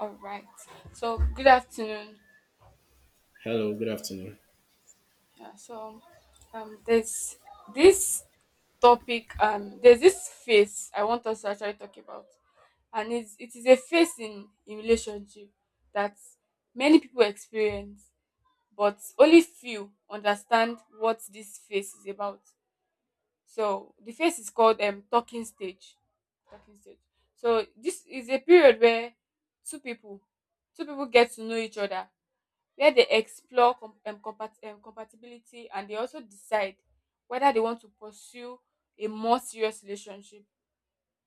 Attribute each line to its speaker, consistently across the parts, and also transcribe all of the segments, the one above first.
Speaker 1: All right. So good afternoon.
Speaker 2: Hello, good afternoon.
Speaker 1: Yeah, so there's this topic. There's this phase I want us to actually talk about, and it is a phase in relationship that many people experience, but only few understand what this phase is about. So the phase is called talking stage. Talking stage. So this is a period where two people two people get to know each other where they explore compatibility, and they also decide whether they want to pursue a more serious relationship.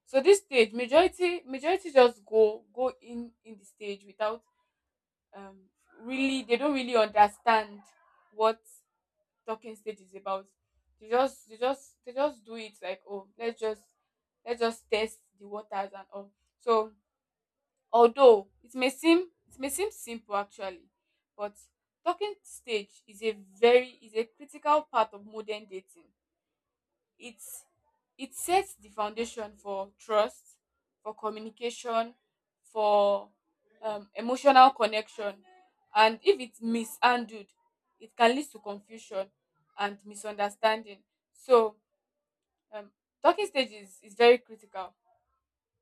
Speaker 1: So this stage, majority just go in the stage without um really, they don't really understand what talking stage is about. They just do it like, oh, let's just test the waters and all. So although it may seem simple actually, but talking stage is a critical part of modern dating. It's it sets the foundation for trust, for communication, for emotional connection, and if it's mishandled, it can lead to confusion and misunderstanding. So um, Talking stage is very critical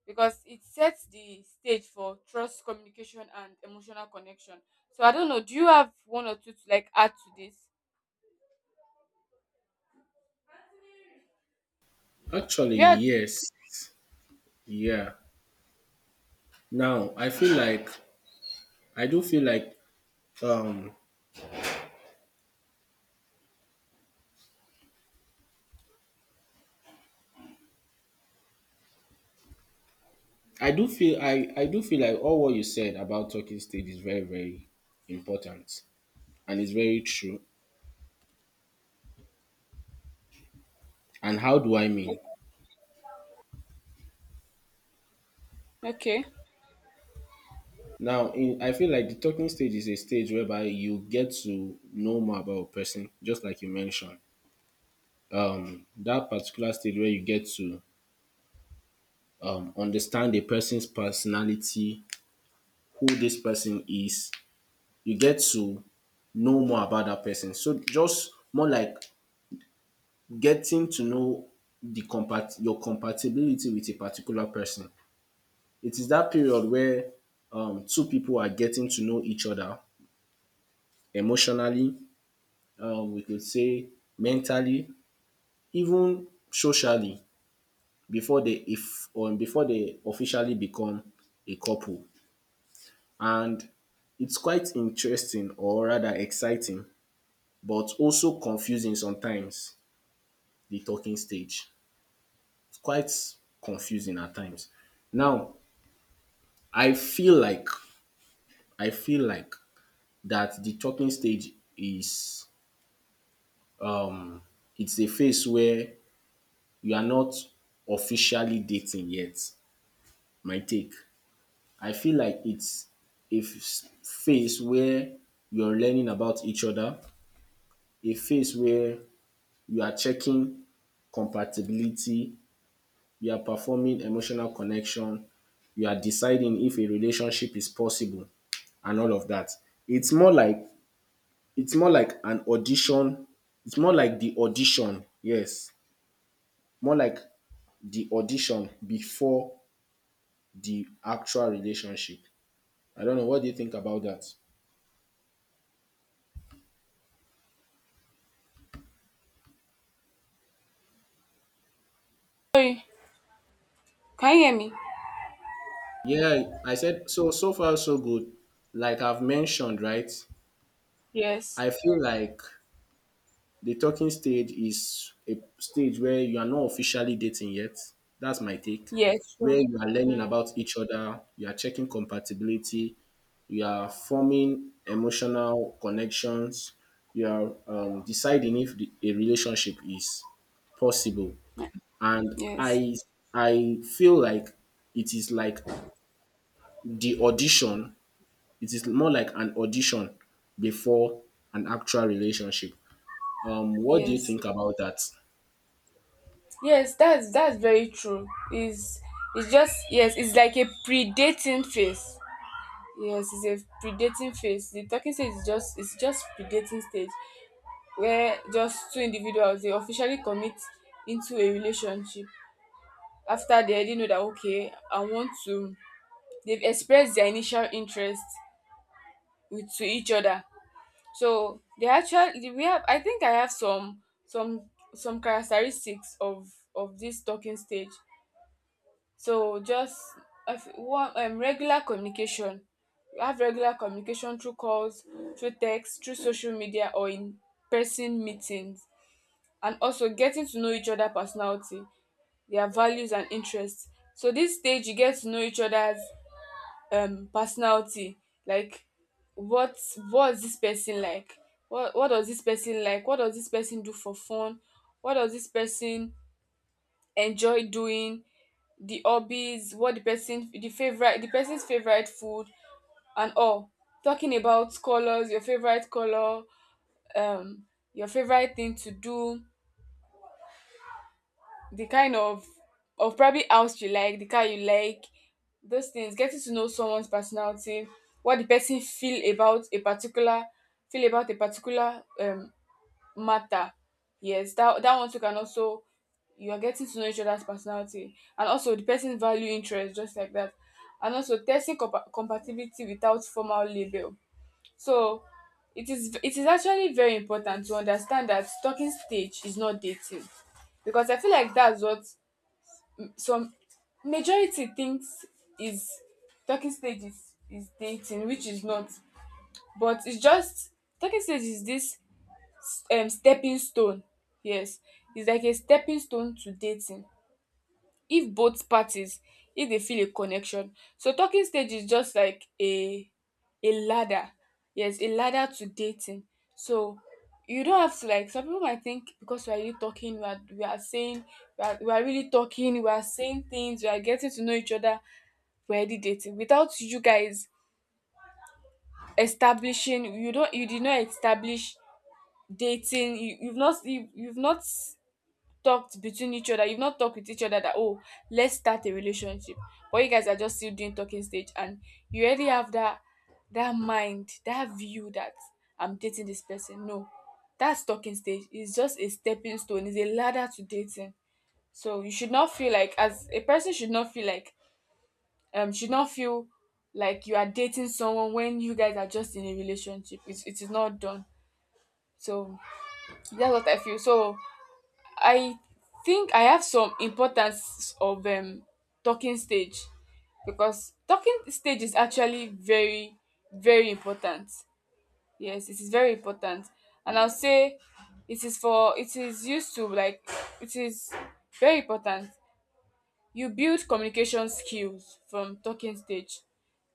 Speaker 1: because it sets the stage for trust, communication, and emotional connection. So I don't know. Do you have one or two to like add to this?
Speaker 2: Actually,
Speaker 1: You had
Speaker 2: yes. Yeah. Now, I feel like I do feel like um I do feel like all what you said about talking stage is very very important, and it's very true. And how do I mean?
Speaker 1: okay.
Speaker 2: I feel like the talking stage is a stage whereby you get to know more about a person, just like you mentioned. That particular stage where you get to understand a person's personality, who this person is, you get to know more about that person. So just more like getting to know the compat your compatibility with a particular person. It is that period where two people are getting to know each other emotionally, we could say mentally, even socially before they if or before they officially become a couple. And it's quite interesting or rather exciting, but also confusing sometimes, the talking stage. It's quite confusing at times. Now, I feel like I feel like that the talking stage is um it's a phase where you are not officially dating yet. My take. I feel like it's phase where you're learning about each other, a phase where you are checking compatibility, you are performing emotional connection, you are deciding if a relationship is possible, and all of that. It's more like it's more like an audition. It's more like the audition, yes, more like the audition before the actual relationship. I don't know, what do you think about that?
Speaker 1: Sorry, can you hear me?
Speaker 2: Yeah, I said so. So far, so good. Like I've mentioned, right?
Speaker 1: Yes.
Speaker 2: I feel like the talking stage is a stage where you are not officially dating yet. That's my take.
Speaker 1: Yes.
Speaker 2: Where
Speaker 1: True.
Speaker 2: you are learning
Speaker 1: Mm,
Speaker 2: about each other, you are checking compatibility, you are forming emotional connections, you are deciding if a relationship is possible. And
Speaker 1: yes.
Speaker 2: I feel like it is like the audition. It is more like an audition before an actual relationship. What do you
Speaker 1: Yes.
Speaker 2: think about that?
Speaker 1: Yes. That's very true. Is It's just yes. It's like a predating phase. Yes, it's a predating phase. The talking stage is just it's just predating stage where just two individuals they officially commit into a relationship after they already know that okay I want to, they've expressed their initial interest with to each other. So they actually, we have, I think I have some characteristics of this talking stage. So just, if one regular communication. You have regular communication through calls, through text, through social media or in person meetings, and also getting to know each other personality, their values and interests. So this stage you get to know each other's personality, like what, what's this person like, what does this person like, what does this person do for fun, what does this person enjoy doing, the hobbies, what the person, the person's favorite food and all, talking about colors, your favorite color, um your favorite thing to do, the kind of probably house you like, the car you like, those things, getting to know someone's personality, what the person feel about a particular matter. Yes, that one too can also, you are getting to know each other's personality and also the person's value interest, just like that, and also testing compatibility without formal label. So it is actually very important to understand that talking stage is not dating, because I feel like that's what some majority thinks is, talking stage is dating, which is not. But it's just, talking stage is this stepping stone. Yes, it's like a stepping stone to dating if both parties, if they feel a connection. So talking stage is just like a ladder. Yes, a ladder to dating. So you don't have to, like some people might think because we are really talking, we are really talking, we are saying things, we are getting to know each other, we're already dating without you guys establishing. You don't, you did not establish dating. You've not talked between each other. You've not talked with each other that, oh, let's start a relationship. But you guys are just still doing talking stage, and you already have that mind, that view that I'm dating this person. No, that's talking stage. It's just a stepping stone. It's a ladder to dating. So you should not feel like, as a person should not feel like should not feel like you are dating someone when you guys are just in a relationship. It is not done. So that's what I feel. So I think I have some importance of talking stage, because talking stage is actually very important. Yes, it is very important, and I'll say it is for it is used to like it is very important. You build communication skills from talking stage.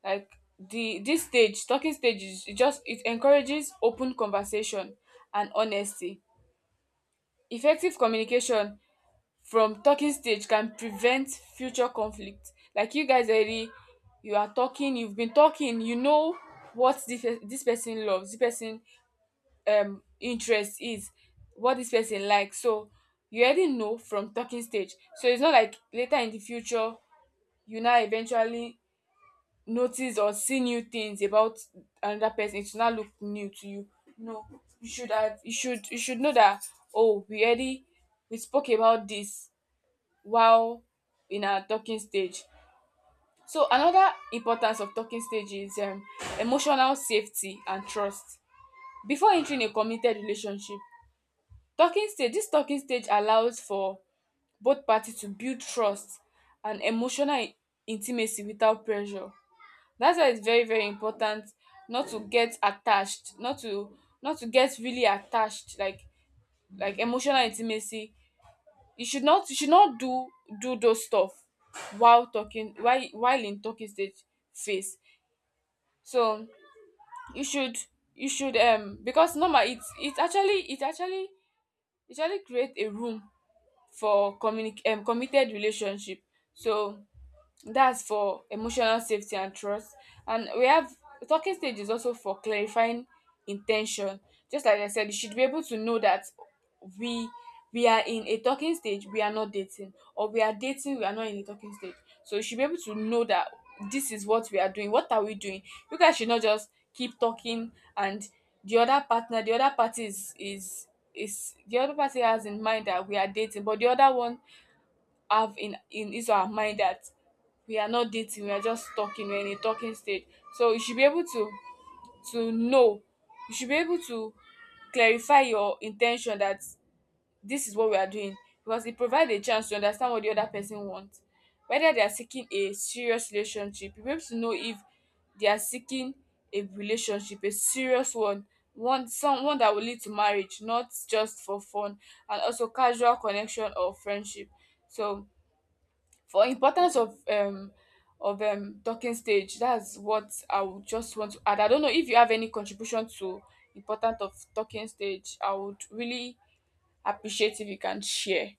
Speaker 1: Like the this stage, talking stage is it just it encourages open conversation and honesty. Effective communication from talking stage can prevent future conflict, like you guys already, you are talking, you've been talking, you know what this person loves, this person interest is, what this person likes. So you already know from talking stage. So it's not like later in the future you now eventually notice or see new things about another person, it will now look new to you. No, you should have you should know that, oh, we already, we spoke about this while in our talking stage. So another importance of talking stage is emotional safety and trust. Before entering a committed relationship, talking stage this talking stage allows for both parties to build trust and emotional intimacy without pressure. That's why it's very important not to get attached, not to get really attached, like emotional intimacy, you should not do those stuff while talking, while in talking stage phase. So you should you should, because normal it's actually, it actually create a room for communic committed relationship. So that's for emotional safety and trust. And we have, talking stage is also for clarifying intention. Just like I said, you should be able to know that we we are in a talking stage, we are not dating, or we are dating, we are not in a talking stage. So you should be able to know that this is what we are doing. What are we doing? You guys should not just keep talking and the other partner, the other party is the other party has in mind that we are dating, but the other one have in his or her mind that we are not dating, we are just talking, we're in a talking stage. So you should be able to know, you should be able to clarify your intention that this is what we are doing, because it provides a chance to understand what the other person wants. Whether they are seeking a serious relationship, you'll be able to know if they are seeking a relationship, a serious one, some one that will lead to marriage, not just for fun, and also casual connection or friendship. So for importance of talking stage, that's what I would just want to add. I don't know if you have any contribution to important of talking stage. I would really appreciate if you can share.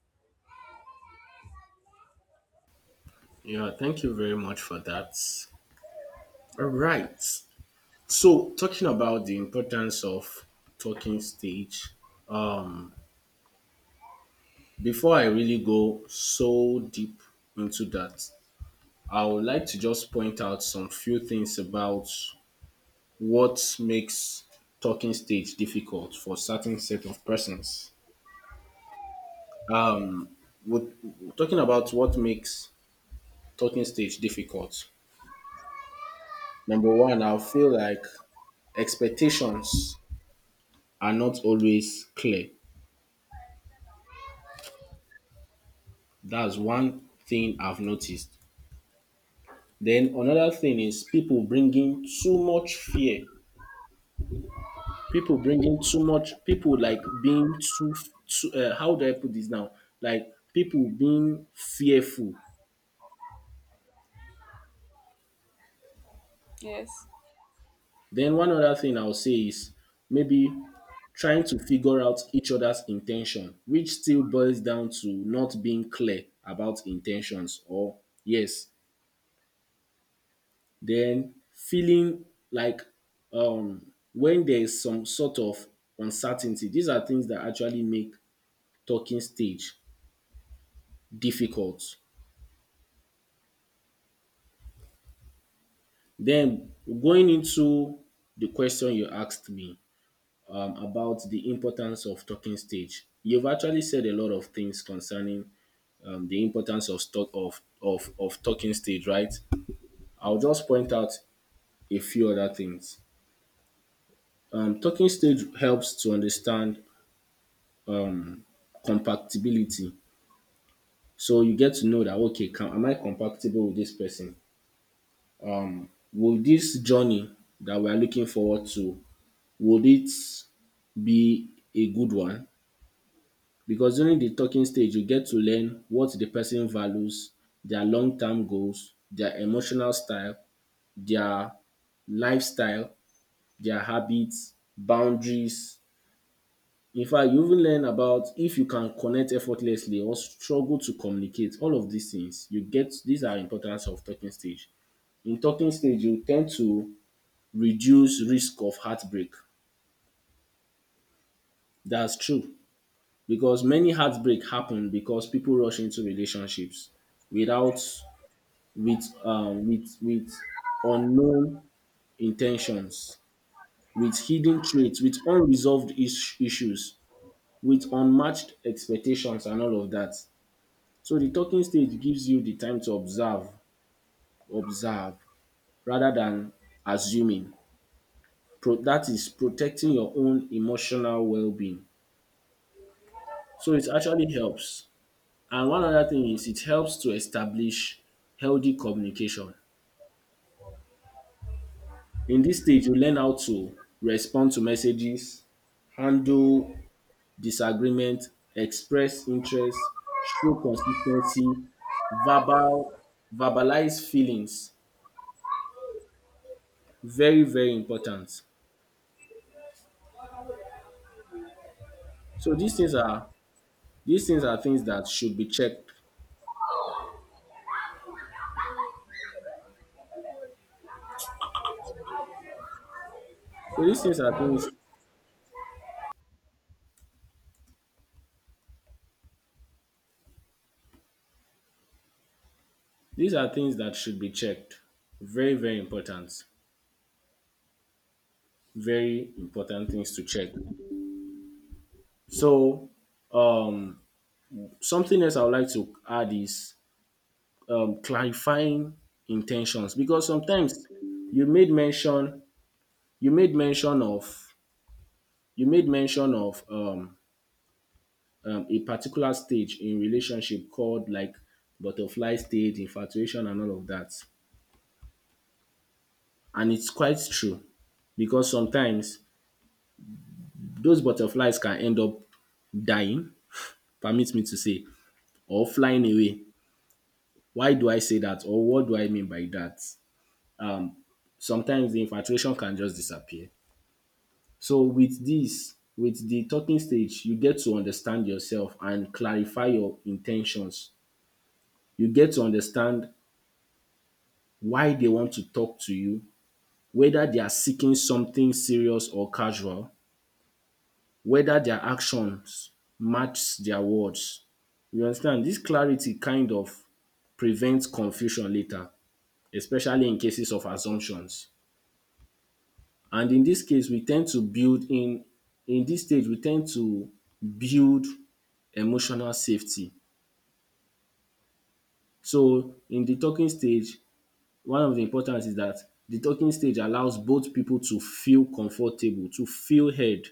Speaker 2: Yeah, thank you very much for that. All right. So, talking about the importance of talking stage, um, before I really go so deep into that, I would like to just point out some few things about what makes talking stage difficult for certain set of persons. With, talking about what makes talking stage difficult, number one, I feel like expectations are not always clear. That's one thing I've noticed. Then another thing is people bringing too much fear. People bringing too much. People like being too. Too How do I put this now? Like people being fearful.
Speaker 1: Yes.
Speaker 2: Then one other thing I'll say is maybe trying to figure out each other's intention, which still boils down to not being clear about intentions, or yes, then feeling like when there is some sort of uncertainty. These are things that actually make talking stage difficult. Then going into the question you asked me about the importance of talking stage, you've actually said a lot of things concerning the importance of stock of talking stage, right? I'll just point out a few other things. Talking stage helps to understand compatibility. So you get to know that okay, can am I compatible with this person? Will this journey that we are looking forward to would it be a good one? Because during the talking stage you get to learn what the person values, their long term goals, their emotional style, their lifestyle, their habits, boundaries. In fact, you even learn about if you can connect effortlessly or struggle to communicate. All of these things you get, these are importance of talking stage. In talking stage you tend to reduce risk of heartbreak. That's true because many heartbreak happen because people rush into relationships without with unknown intentions, with hidden traits, with unresolved issues, with unmatched expectations and all of that. So the talking stage gives you the time to observe, observe rather than assuming. That is protecting your own emotional well-being. So it actually helps. And one other thing is it helps to establish healthy communication. In this stage, you learn how to respond to messages, handle disagreement, express interest, show consistency, verbal, verbalize feelings. Very, very important. So these things are things that should be checked. So these are things that should be checked. Very, very important. Very important things to check. So, um, something else I would like to add is clarifying intentions because sometimes you made mention you made mention of you made mention of a particular stage in relationship called like butterfly stage, infatuation, and all of that, and it's quite true because sometimes those butterflies can end up dying, permit me to say, or flying away. Why do I say that, or what do I mean by that? Sometimes the infatuation can just disappear. So with this, with the talking stage, you get to understand yourself and clarify your intentions. You get to understand why they want to talk to you, whether they are seeking something serious or casual, whether their actions match their words. You understand? This clarity kind of prevents confusion later, especially in cases of assumptions. And in this case we tend to build in this stage we tend to build emotional safety. So in the talking stage one of the importance is that the talking stage allows both people to feel comfortable, to feel heard,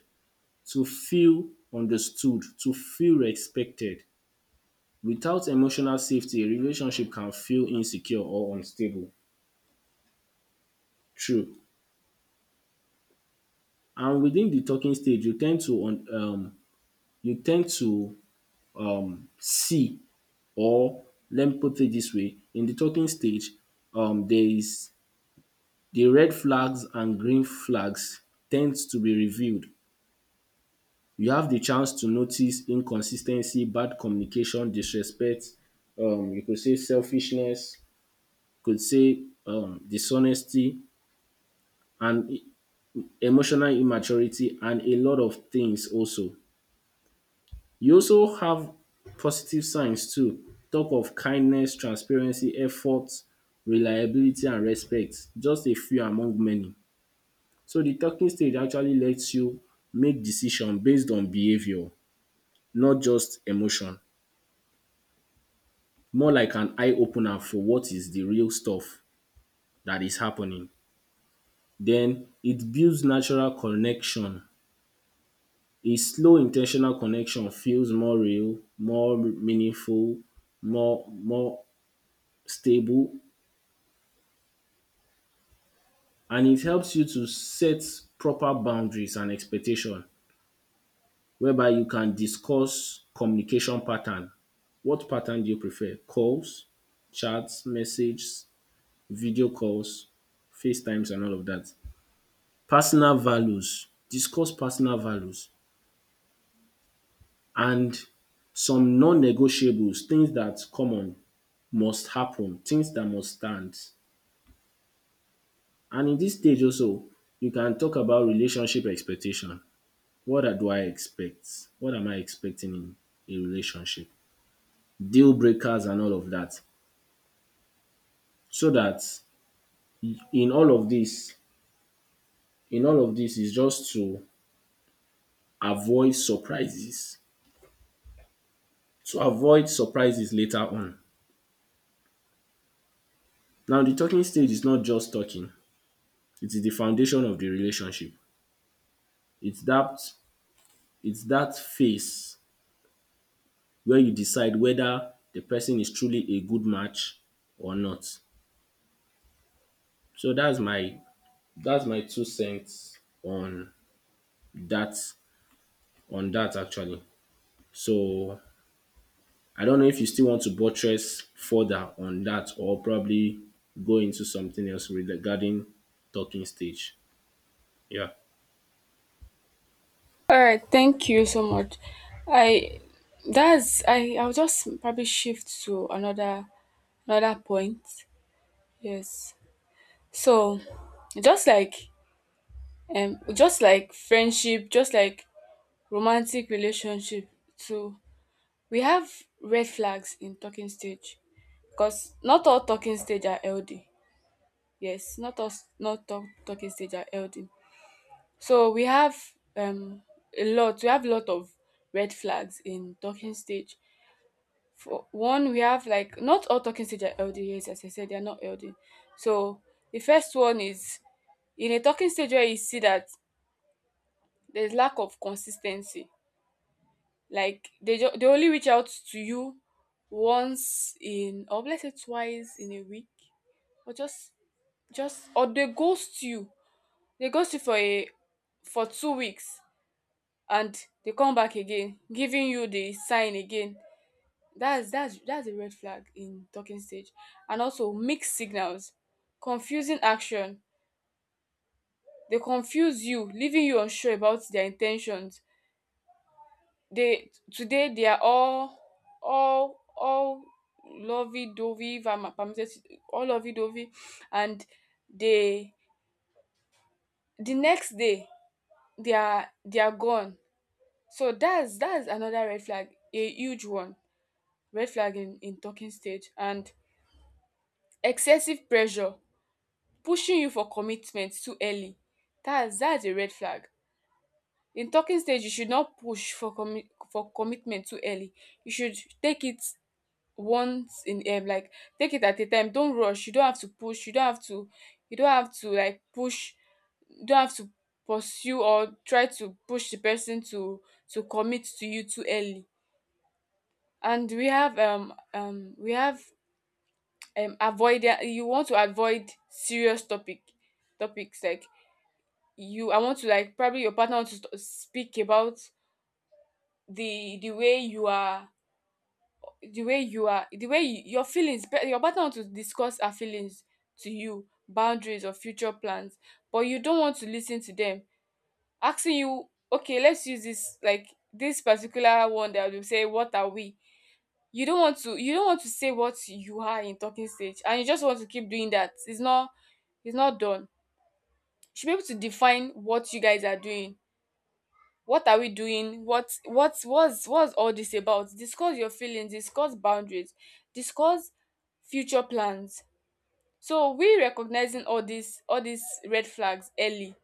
Speaker 2: to feel understood, to feel respected. Without emotional safety a relationship can feel insecure or unstable. True. And within the talking stage you tend to see or let me put it this way, in the talking stage there is the red flags and green flags, tends to be revealed. You have the chance to notice inconsistency, bad communication, disrespect, you could say selfishness, could say dishonesty, and emotional immaturity and a lot of things also. You also have positive signs too. Talk of kindness, transparency, effort, reliability and respect. Just a few among many. So the talking stage actually lets you make decision based on behavior, not just emotion. More like an eye opener for what is the real stuff that is happening. Then it builds natural connection. A slow intentional connection feels more real, more meaningful, more stable, and it helps you to set proper boundaries and expectation, whereby you can discuss communication pattern. What pattern do you prefer? Calls, chats, messages, video calls, FaceTimes, and all of that. Personal values. Discuss personal values and some non-negotiables, things that common must happen, things that must stand. And in this stage also, you can talk about relationship expectation. Do I expect? What am I expecting in a relationship? Deal breakers and all of that. So that in all of this, in all of this is just to avoid surprises. To avoid surprises later on. Now the talking stage is not just talking. It is the foundation of the relationship. It's that it's that phase where you decide whether the person is truly a good match or not. So that's my two cents that on that actually. So I don't know if you still want to buttress further on that or probably go into something else regarding talking stage. Yeah.
Speaker 1: All right, thank you so much. I that's I I'll just probably shift to another point. Yes. So just like just like friendship, just like romantic relationship too. We have red flags in talking stage, because not all talking stage are LD. Yes, not all talking stage are LD. So we have um a lot. We have a lot of red flags in talking stage. For one, we have like not all talking stage are LD. Yes, as I said, they are not LD. So the first one is, in a talking stage where you see that there's lack of consistency. Like they only reach out to you once in, or let's say twice in a week, or just, or they ghost you. They ghost you for a for 2 weeks, and they come back again, giving you the sign again. That's that's a red flag in talking stage. And also mixed signals, confusing action. They confuse you, leaving you unsure about their intentions. They today they are all all all lovey dovey, if I'm permitted, all lovey dovey, and they the next day, they are gone. So that's another red flag, a huge one. Red flag in talking stage, and excessive pressure, pushing you for commitment too early, that's a red flag. In talking stage, you should not push for commi for commitment too early. You should take it once in like take it at a time, don't rush. You don't have to push, you don't have to, you don't have to like push you don't have to pursue or try to push the person to commit to you too early. And we have avoid, you want to avoid serious topics like, you, I want to, like, probably your partner wants to speak about the way you are, the way you are, the way you, your feelings, your partner wants to discuss her feelings to you, boundaries or future plans, but you don't want to listen to them asking you, okay, let's use this, like this particular one, that will say, what are we? You don't want to you don't want to say what you are in talking stage, and you just want to keep doing that. It's not done. You should be able to define what you guys are doing. What are we doing? What's all this about? Discuss your feelings, discuss boundaries, discuss future plans. So we, recognizing all these red flags early,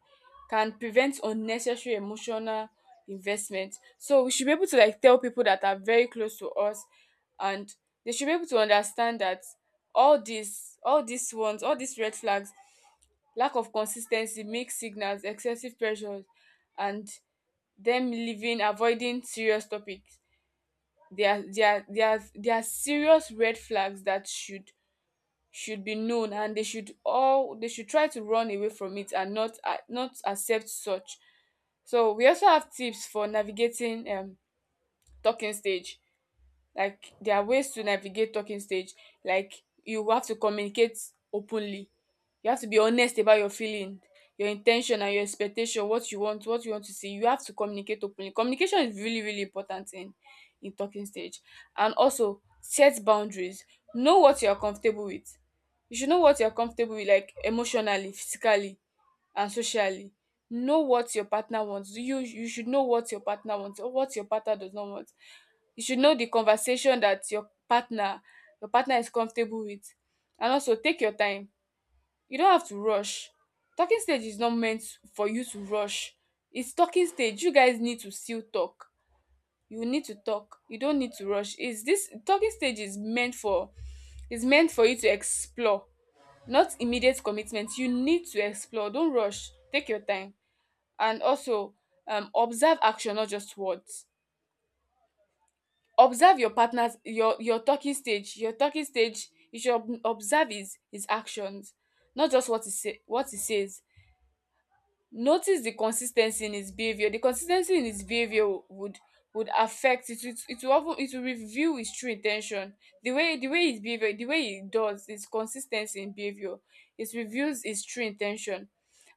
Speaker 1: can prevent unnecessary emotional investment. So we should be able to, like, tell people that are very close to us, and they should be able to understand that all these red flags, lack of consistency, mixed signals, excessive pressures, and them living, avoiding serious topics, there, are they are they are serious red flags that should be known, and they should all, they should try to run away from it and not not accept such. So we also have tips for navigating talking stage. Like, there are ways to navigate talking stage. Like, you have to communicate openly. You have to be honest about your feeling, your intention and your expectation, what you want to see. You have to communicate openly. Communication is really, really important in talking stage. And also, set boundaries. Know what you are comfortable with. You should know what you are comfortable with, like emotionally, physically, and socially. Know what your partner wants. You should know what your partner wants or what your partner does not want. You should know the conversation that your partner is comfortable with. And also, take your time. You don't have to rush. Talking stage is not meant for you to rush. It's talking stage. You guys need to still talk. You need to talk. You don't need to rush. Is this talking stage is meant for you to explore, not immediate commitment. You need to explore. Don't rush. Take your time. And also, observe action, not just words. Observe your partner's, your talking stage. Your talking stage, you should observe his actions, not just what he says. Notice the consistency in his behaviour. The consistency in his behaviour would affect it it it will of it will reveal his true intention. The way his behaviour, the way he does, his consistency in behaviour, it reveals his true intention.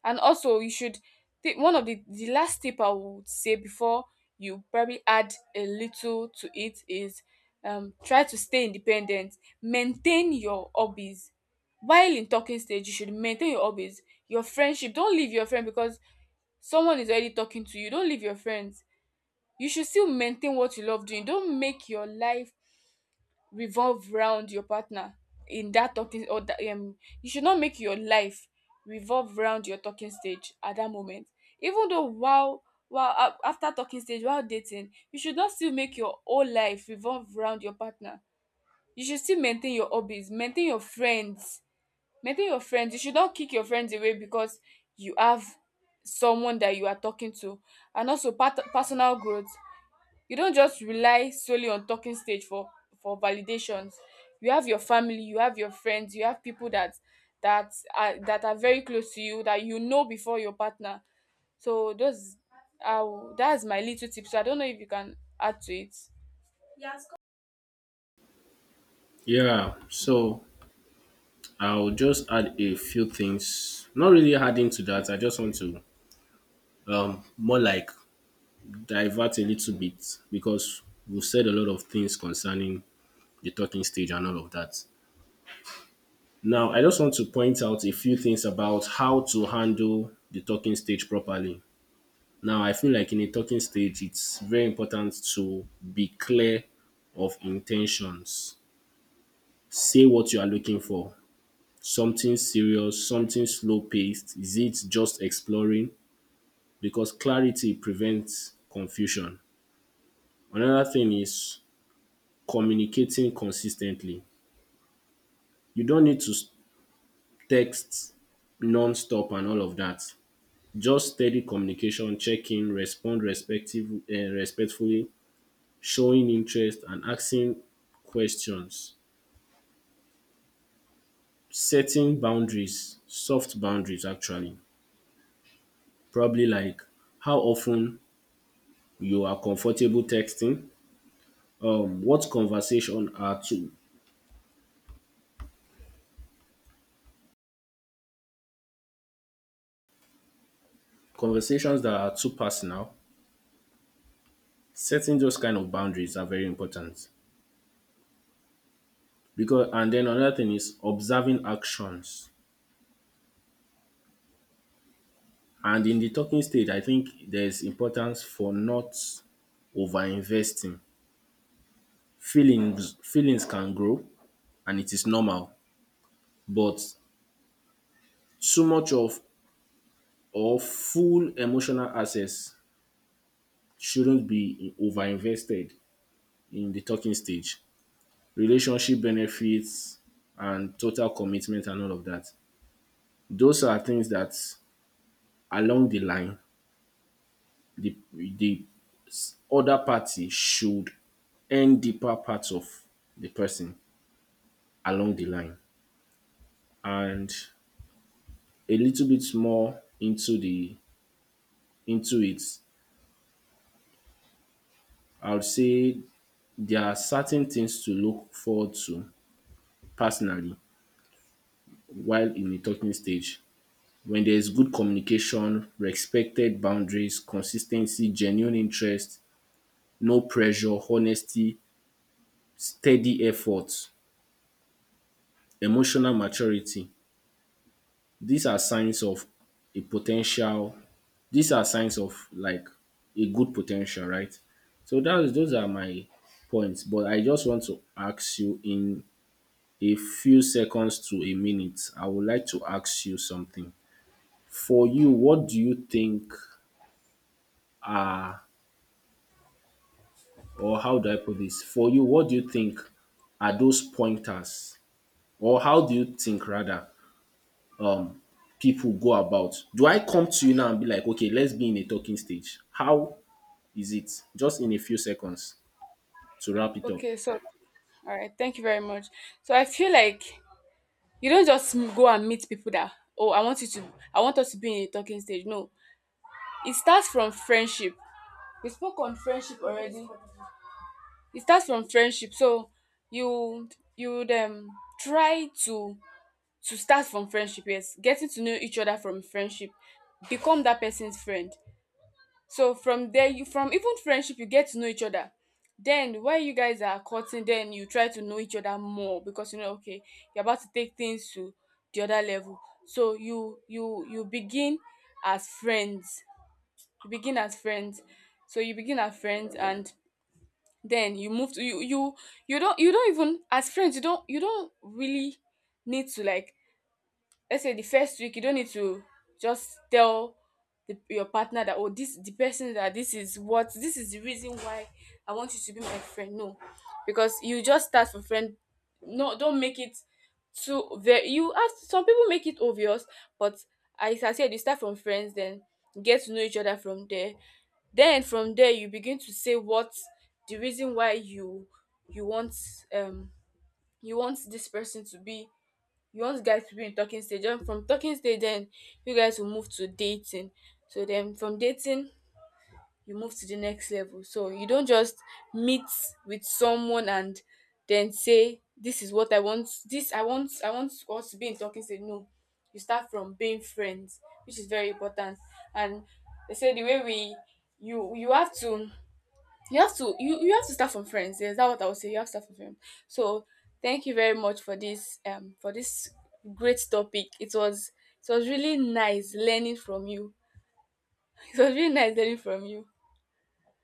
Speaker 1: And also, you should take, one of the last tip I would say, before you probably add a little to it, is, try to stay independent. Maintain your hobbies. While in talking stage, you should maintain your hobbies, your friendship. Don't leave your friend because someone is already talking to you. Don't leave your friends. You should still maintain what you love doing. Don't make your life revolve round your partner in that talking, or that, you should not make your life revolve round your talking stage at that moment. Even though, after talking stage, while dating, you should not still make your whole life revolve round your partner. You should still maintain your hobbies, maintain your friends. Maintain your friends. You should not kick your friends away because you have someone that you are talking to. And also, part, personal growth. You don't just rely solely on talking stage for validations. You have your family, you have your friends, you have people that that are very close to you, that you know before your partner. So those are, that's my little tip. So I don't know if you can add to it.
Speaker 2: Yeah. So I'll just add a few things. Not really adding to that. I just want to more like divert a little bit because we've said a lot of things concerning the talking stage and all of that. Now I just want to point out a few things about how to handle the talking stage properly. Now, I feel like in a talking stage, it's very important to be clear of intentions. Say what you are looking for. Something serious, something slow paced. Is it just exploring? Because clarity prevents confusion. Another thing is communicating consistently. You don't need to text non stop and all of that. Just steady communication, check in, respectfully, showing interest and asking questions, setting boundaries, soft boundaries actually, probably like how often you are comfortable texting, what conversation are too conversations that are too personal. Setting those kind of boundaries are very important, because and then another thing is observing actions. And in the talking stage, I think there's importance for not over investing. Feelings can grow and it is normal. But too much of or full emotional access shouldn't be overinvested in the talking stage. Relationship benefits and total commitment and all of that. Those are things that along the line the other party should earn deeper parts of the person along the line. And a little bit more into it, I would say there are certain things to look forward to personally while in the talking stage. When there is good communication, respected boundaries, consistency, genuine interest, no pressure, honesty, steady effort, emotional maturity, these are signs of a potential. These are signs of like a good potential, right. So dat those are my points, but I just want to ask you in a few seconds to a minute, I would like to ask you something. For you, what do you think are, or how do I put this? For you, what do you think are those pointers, or how do you think rather um people go about? Do I come to you now and be like, okay, let's be in a talking stage? How is it? Just in a few seconds to wrap it up.
Speaker 1: Okay, so, all right, thank you very much. So I feel like, you don't just go and meet people that, oh, I want you to, I want us to be in a talking stage. No, it starts from friendship. We spoke on friendship already. It starts from friendship. So you you would try to start from friendship. Yes, getting to know each other from friendship, become that person's friend. So from there, you, from even friendship, you get to know each other. Then while you guys are courting, then you try to know each other more, because you know, okay, you're about to take things to the other level. So you begin as friends. You begin as friends. So you begin as friends, and then you move to, you don't even, as friends, you don't really need to, like, let's say the first week, you don't need to just tell the, your partner that, oh, this the person that, this is what, this is the reason why I want you to be my friend. No, because you just start for friend. No, don't make it too, very, you have some people make it obvious. But as I said, you start from friends, then get to know each other from there, then from there you begin to say what, the reason why you you want, um you want this person to be, you want guys to be in talking stage, then from talking stage, then you guys will move to dating. So then from dating you move to the next level. So you don't just meet with someone and then say, this is what I want, this I want, I want us to be in talking stage. No, you start from being friends, which is very important. And they say the way we, you have to, you have to, you have to start from friends. Yes, that's what I would say. You have to start from friends. So thank you very much for this great topic. It was, it was really nice learning from you. It was really nice learning from you.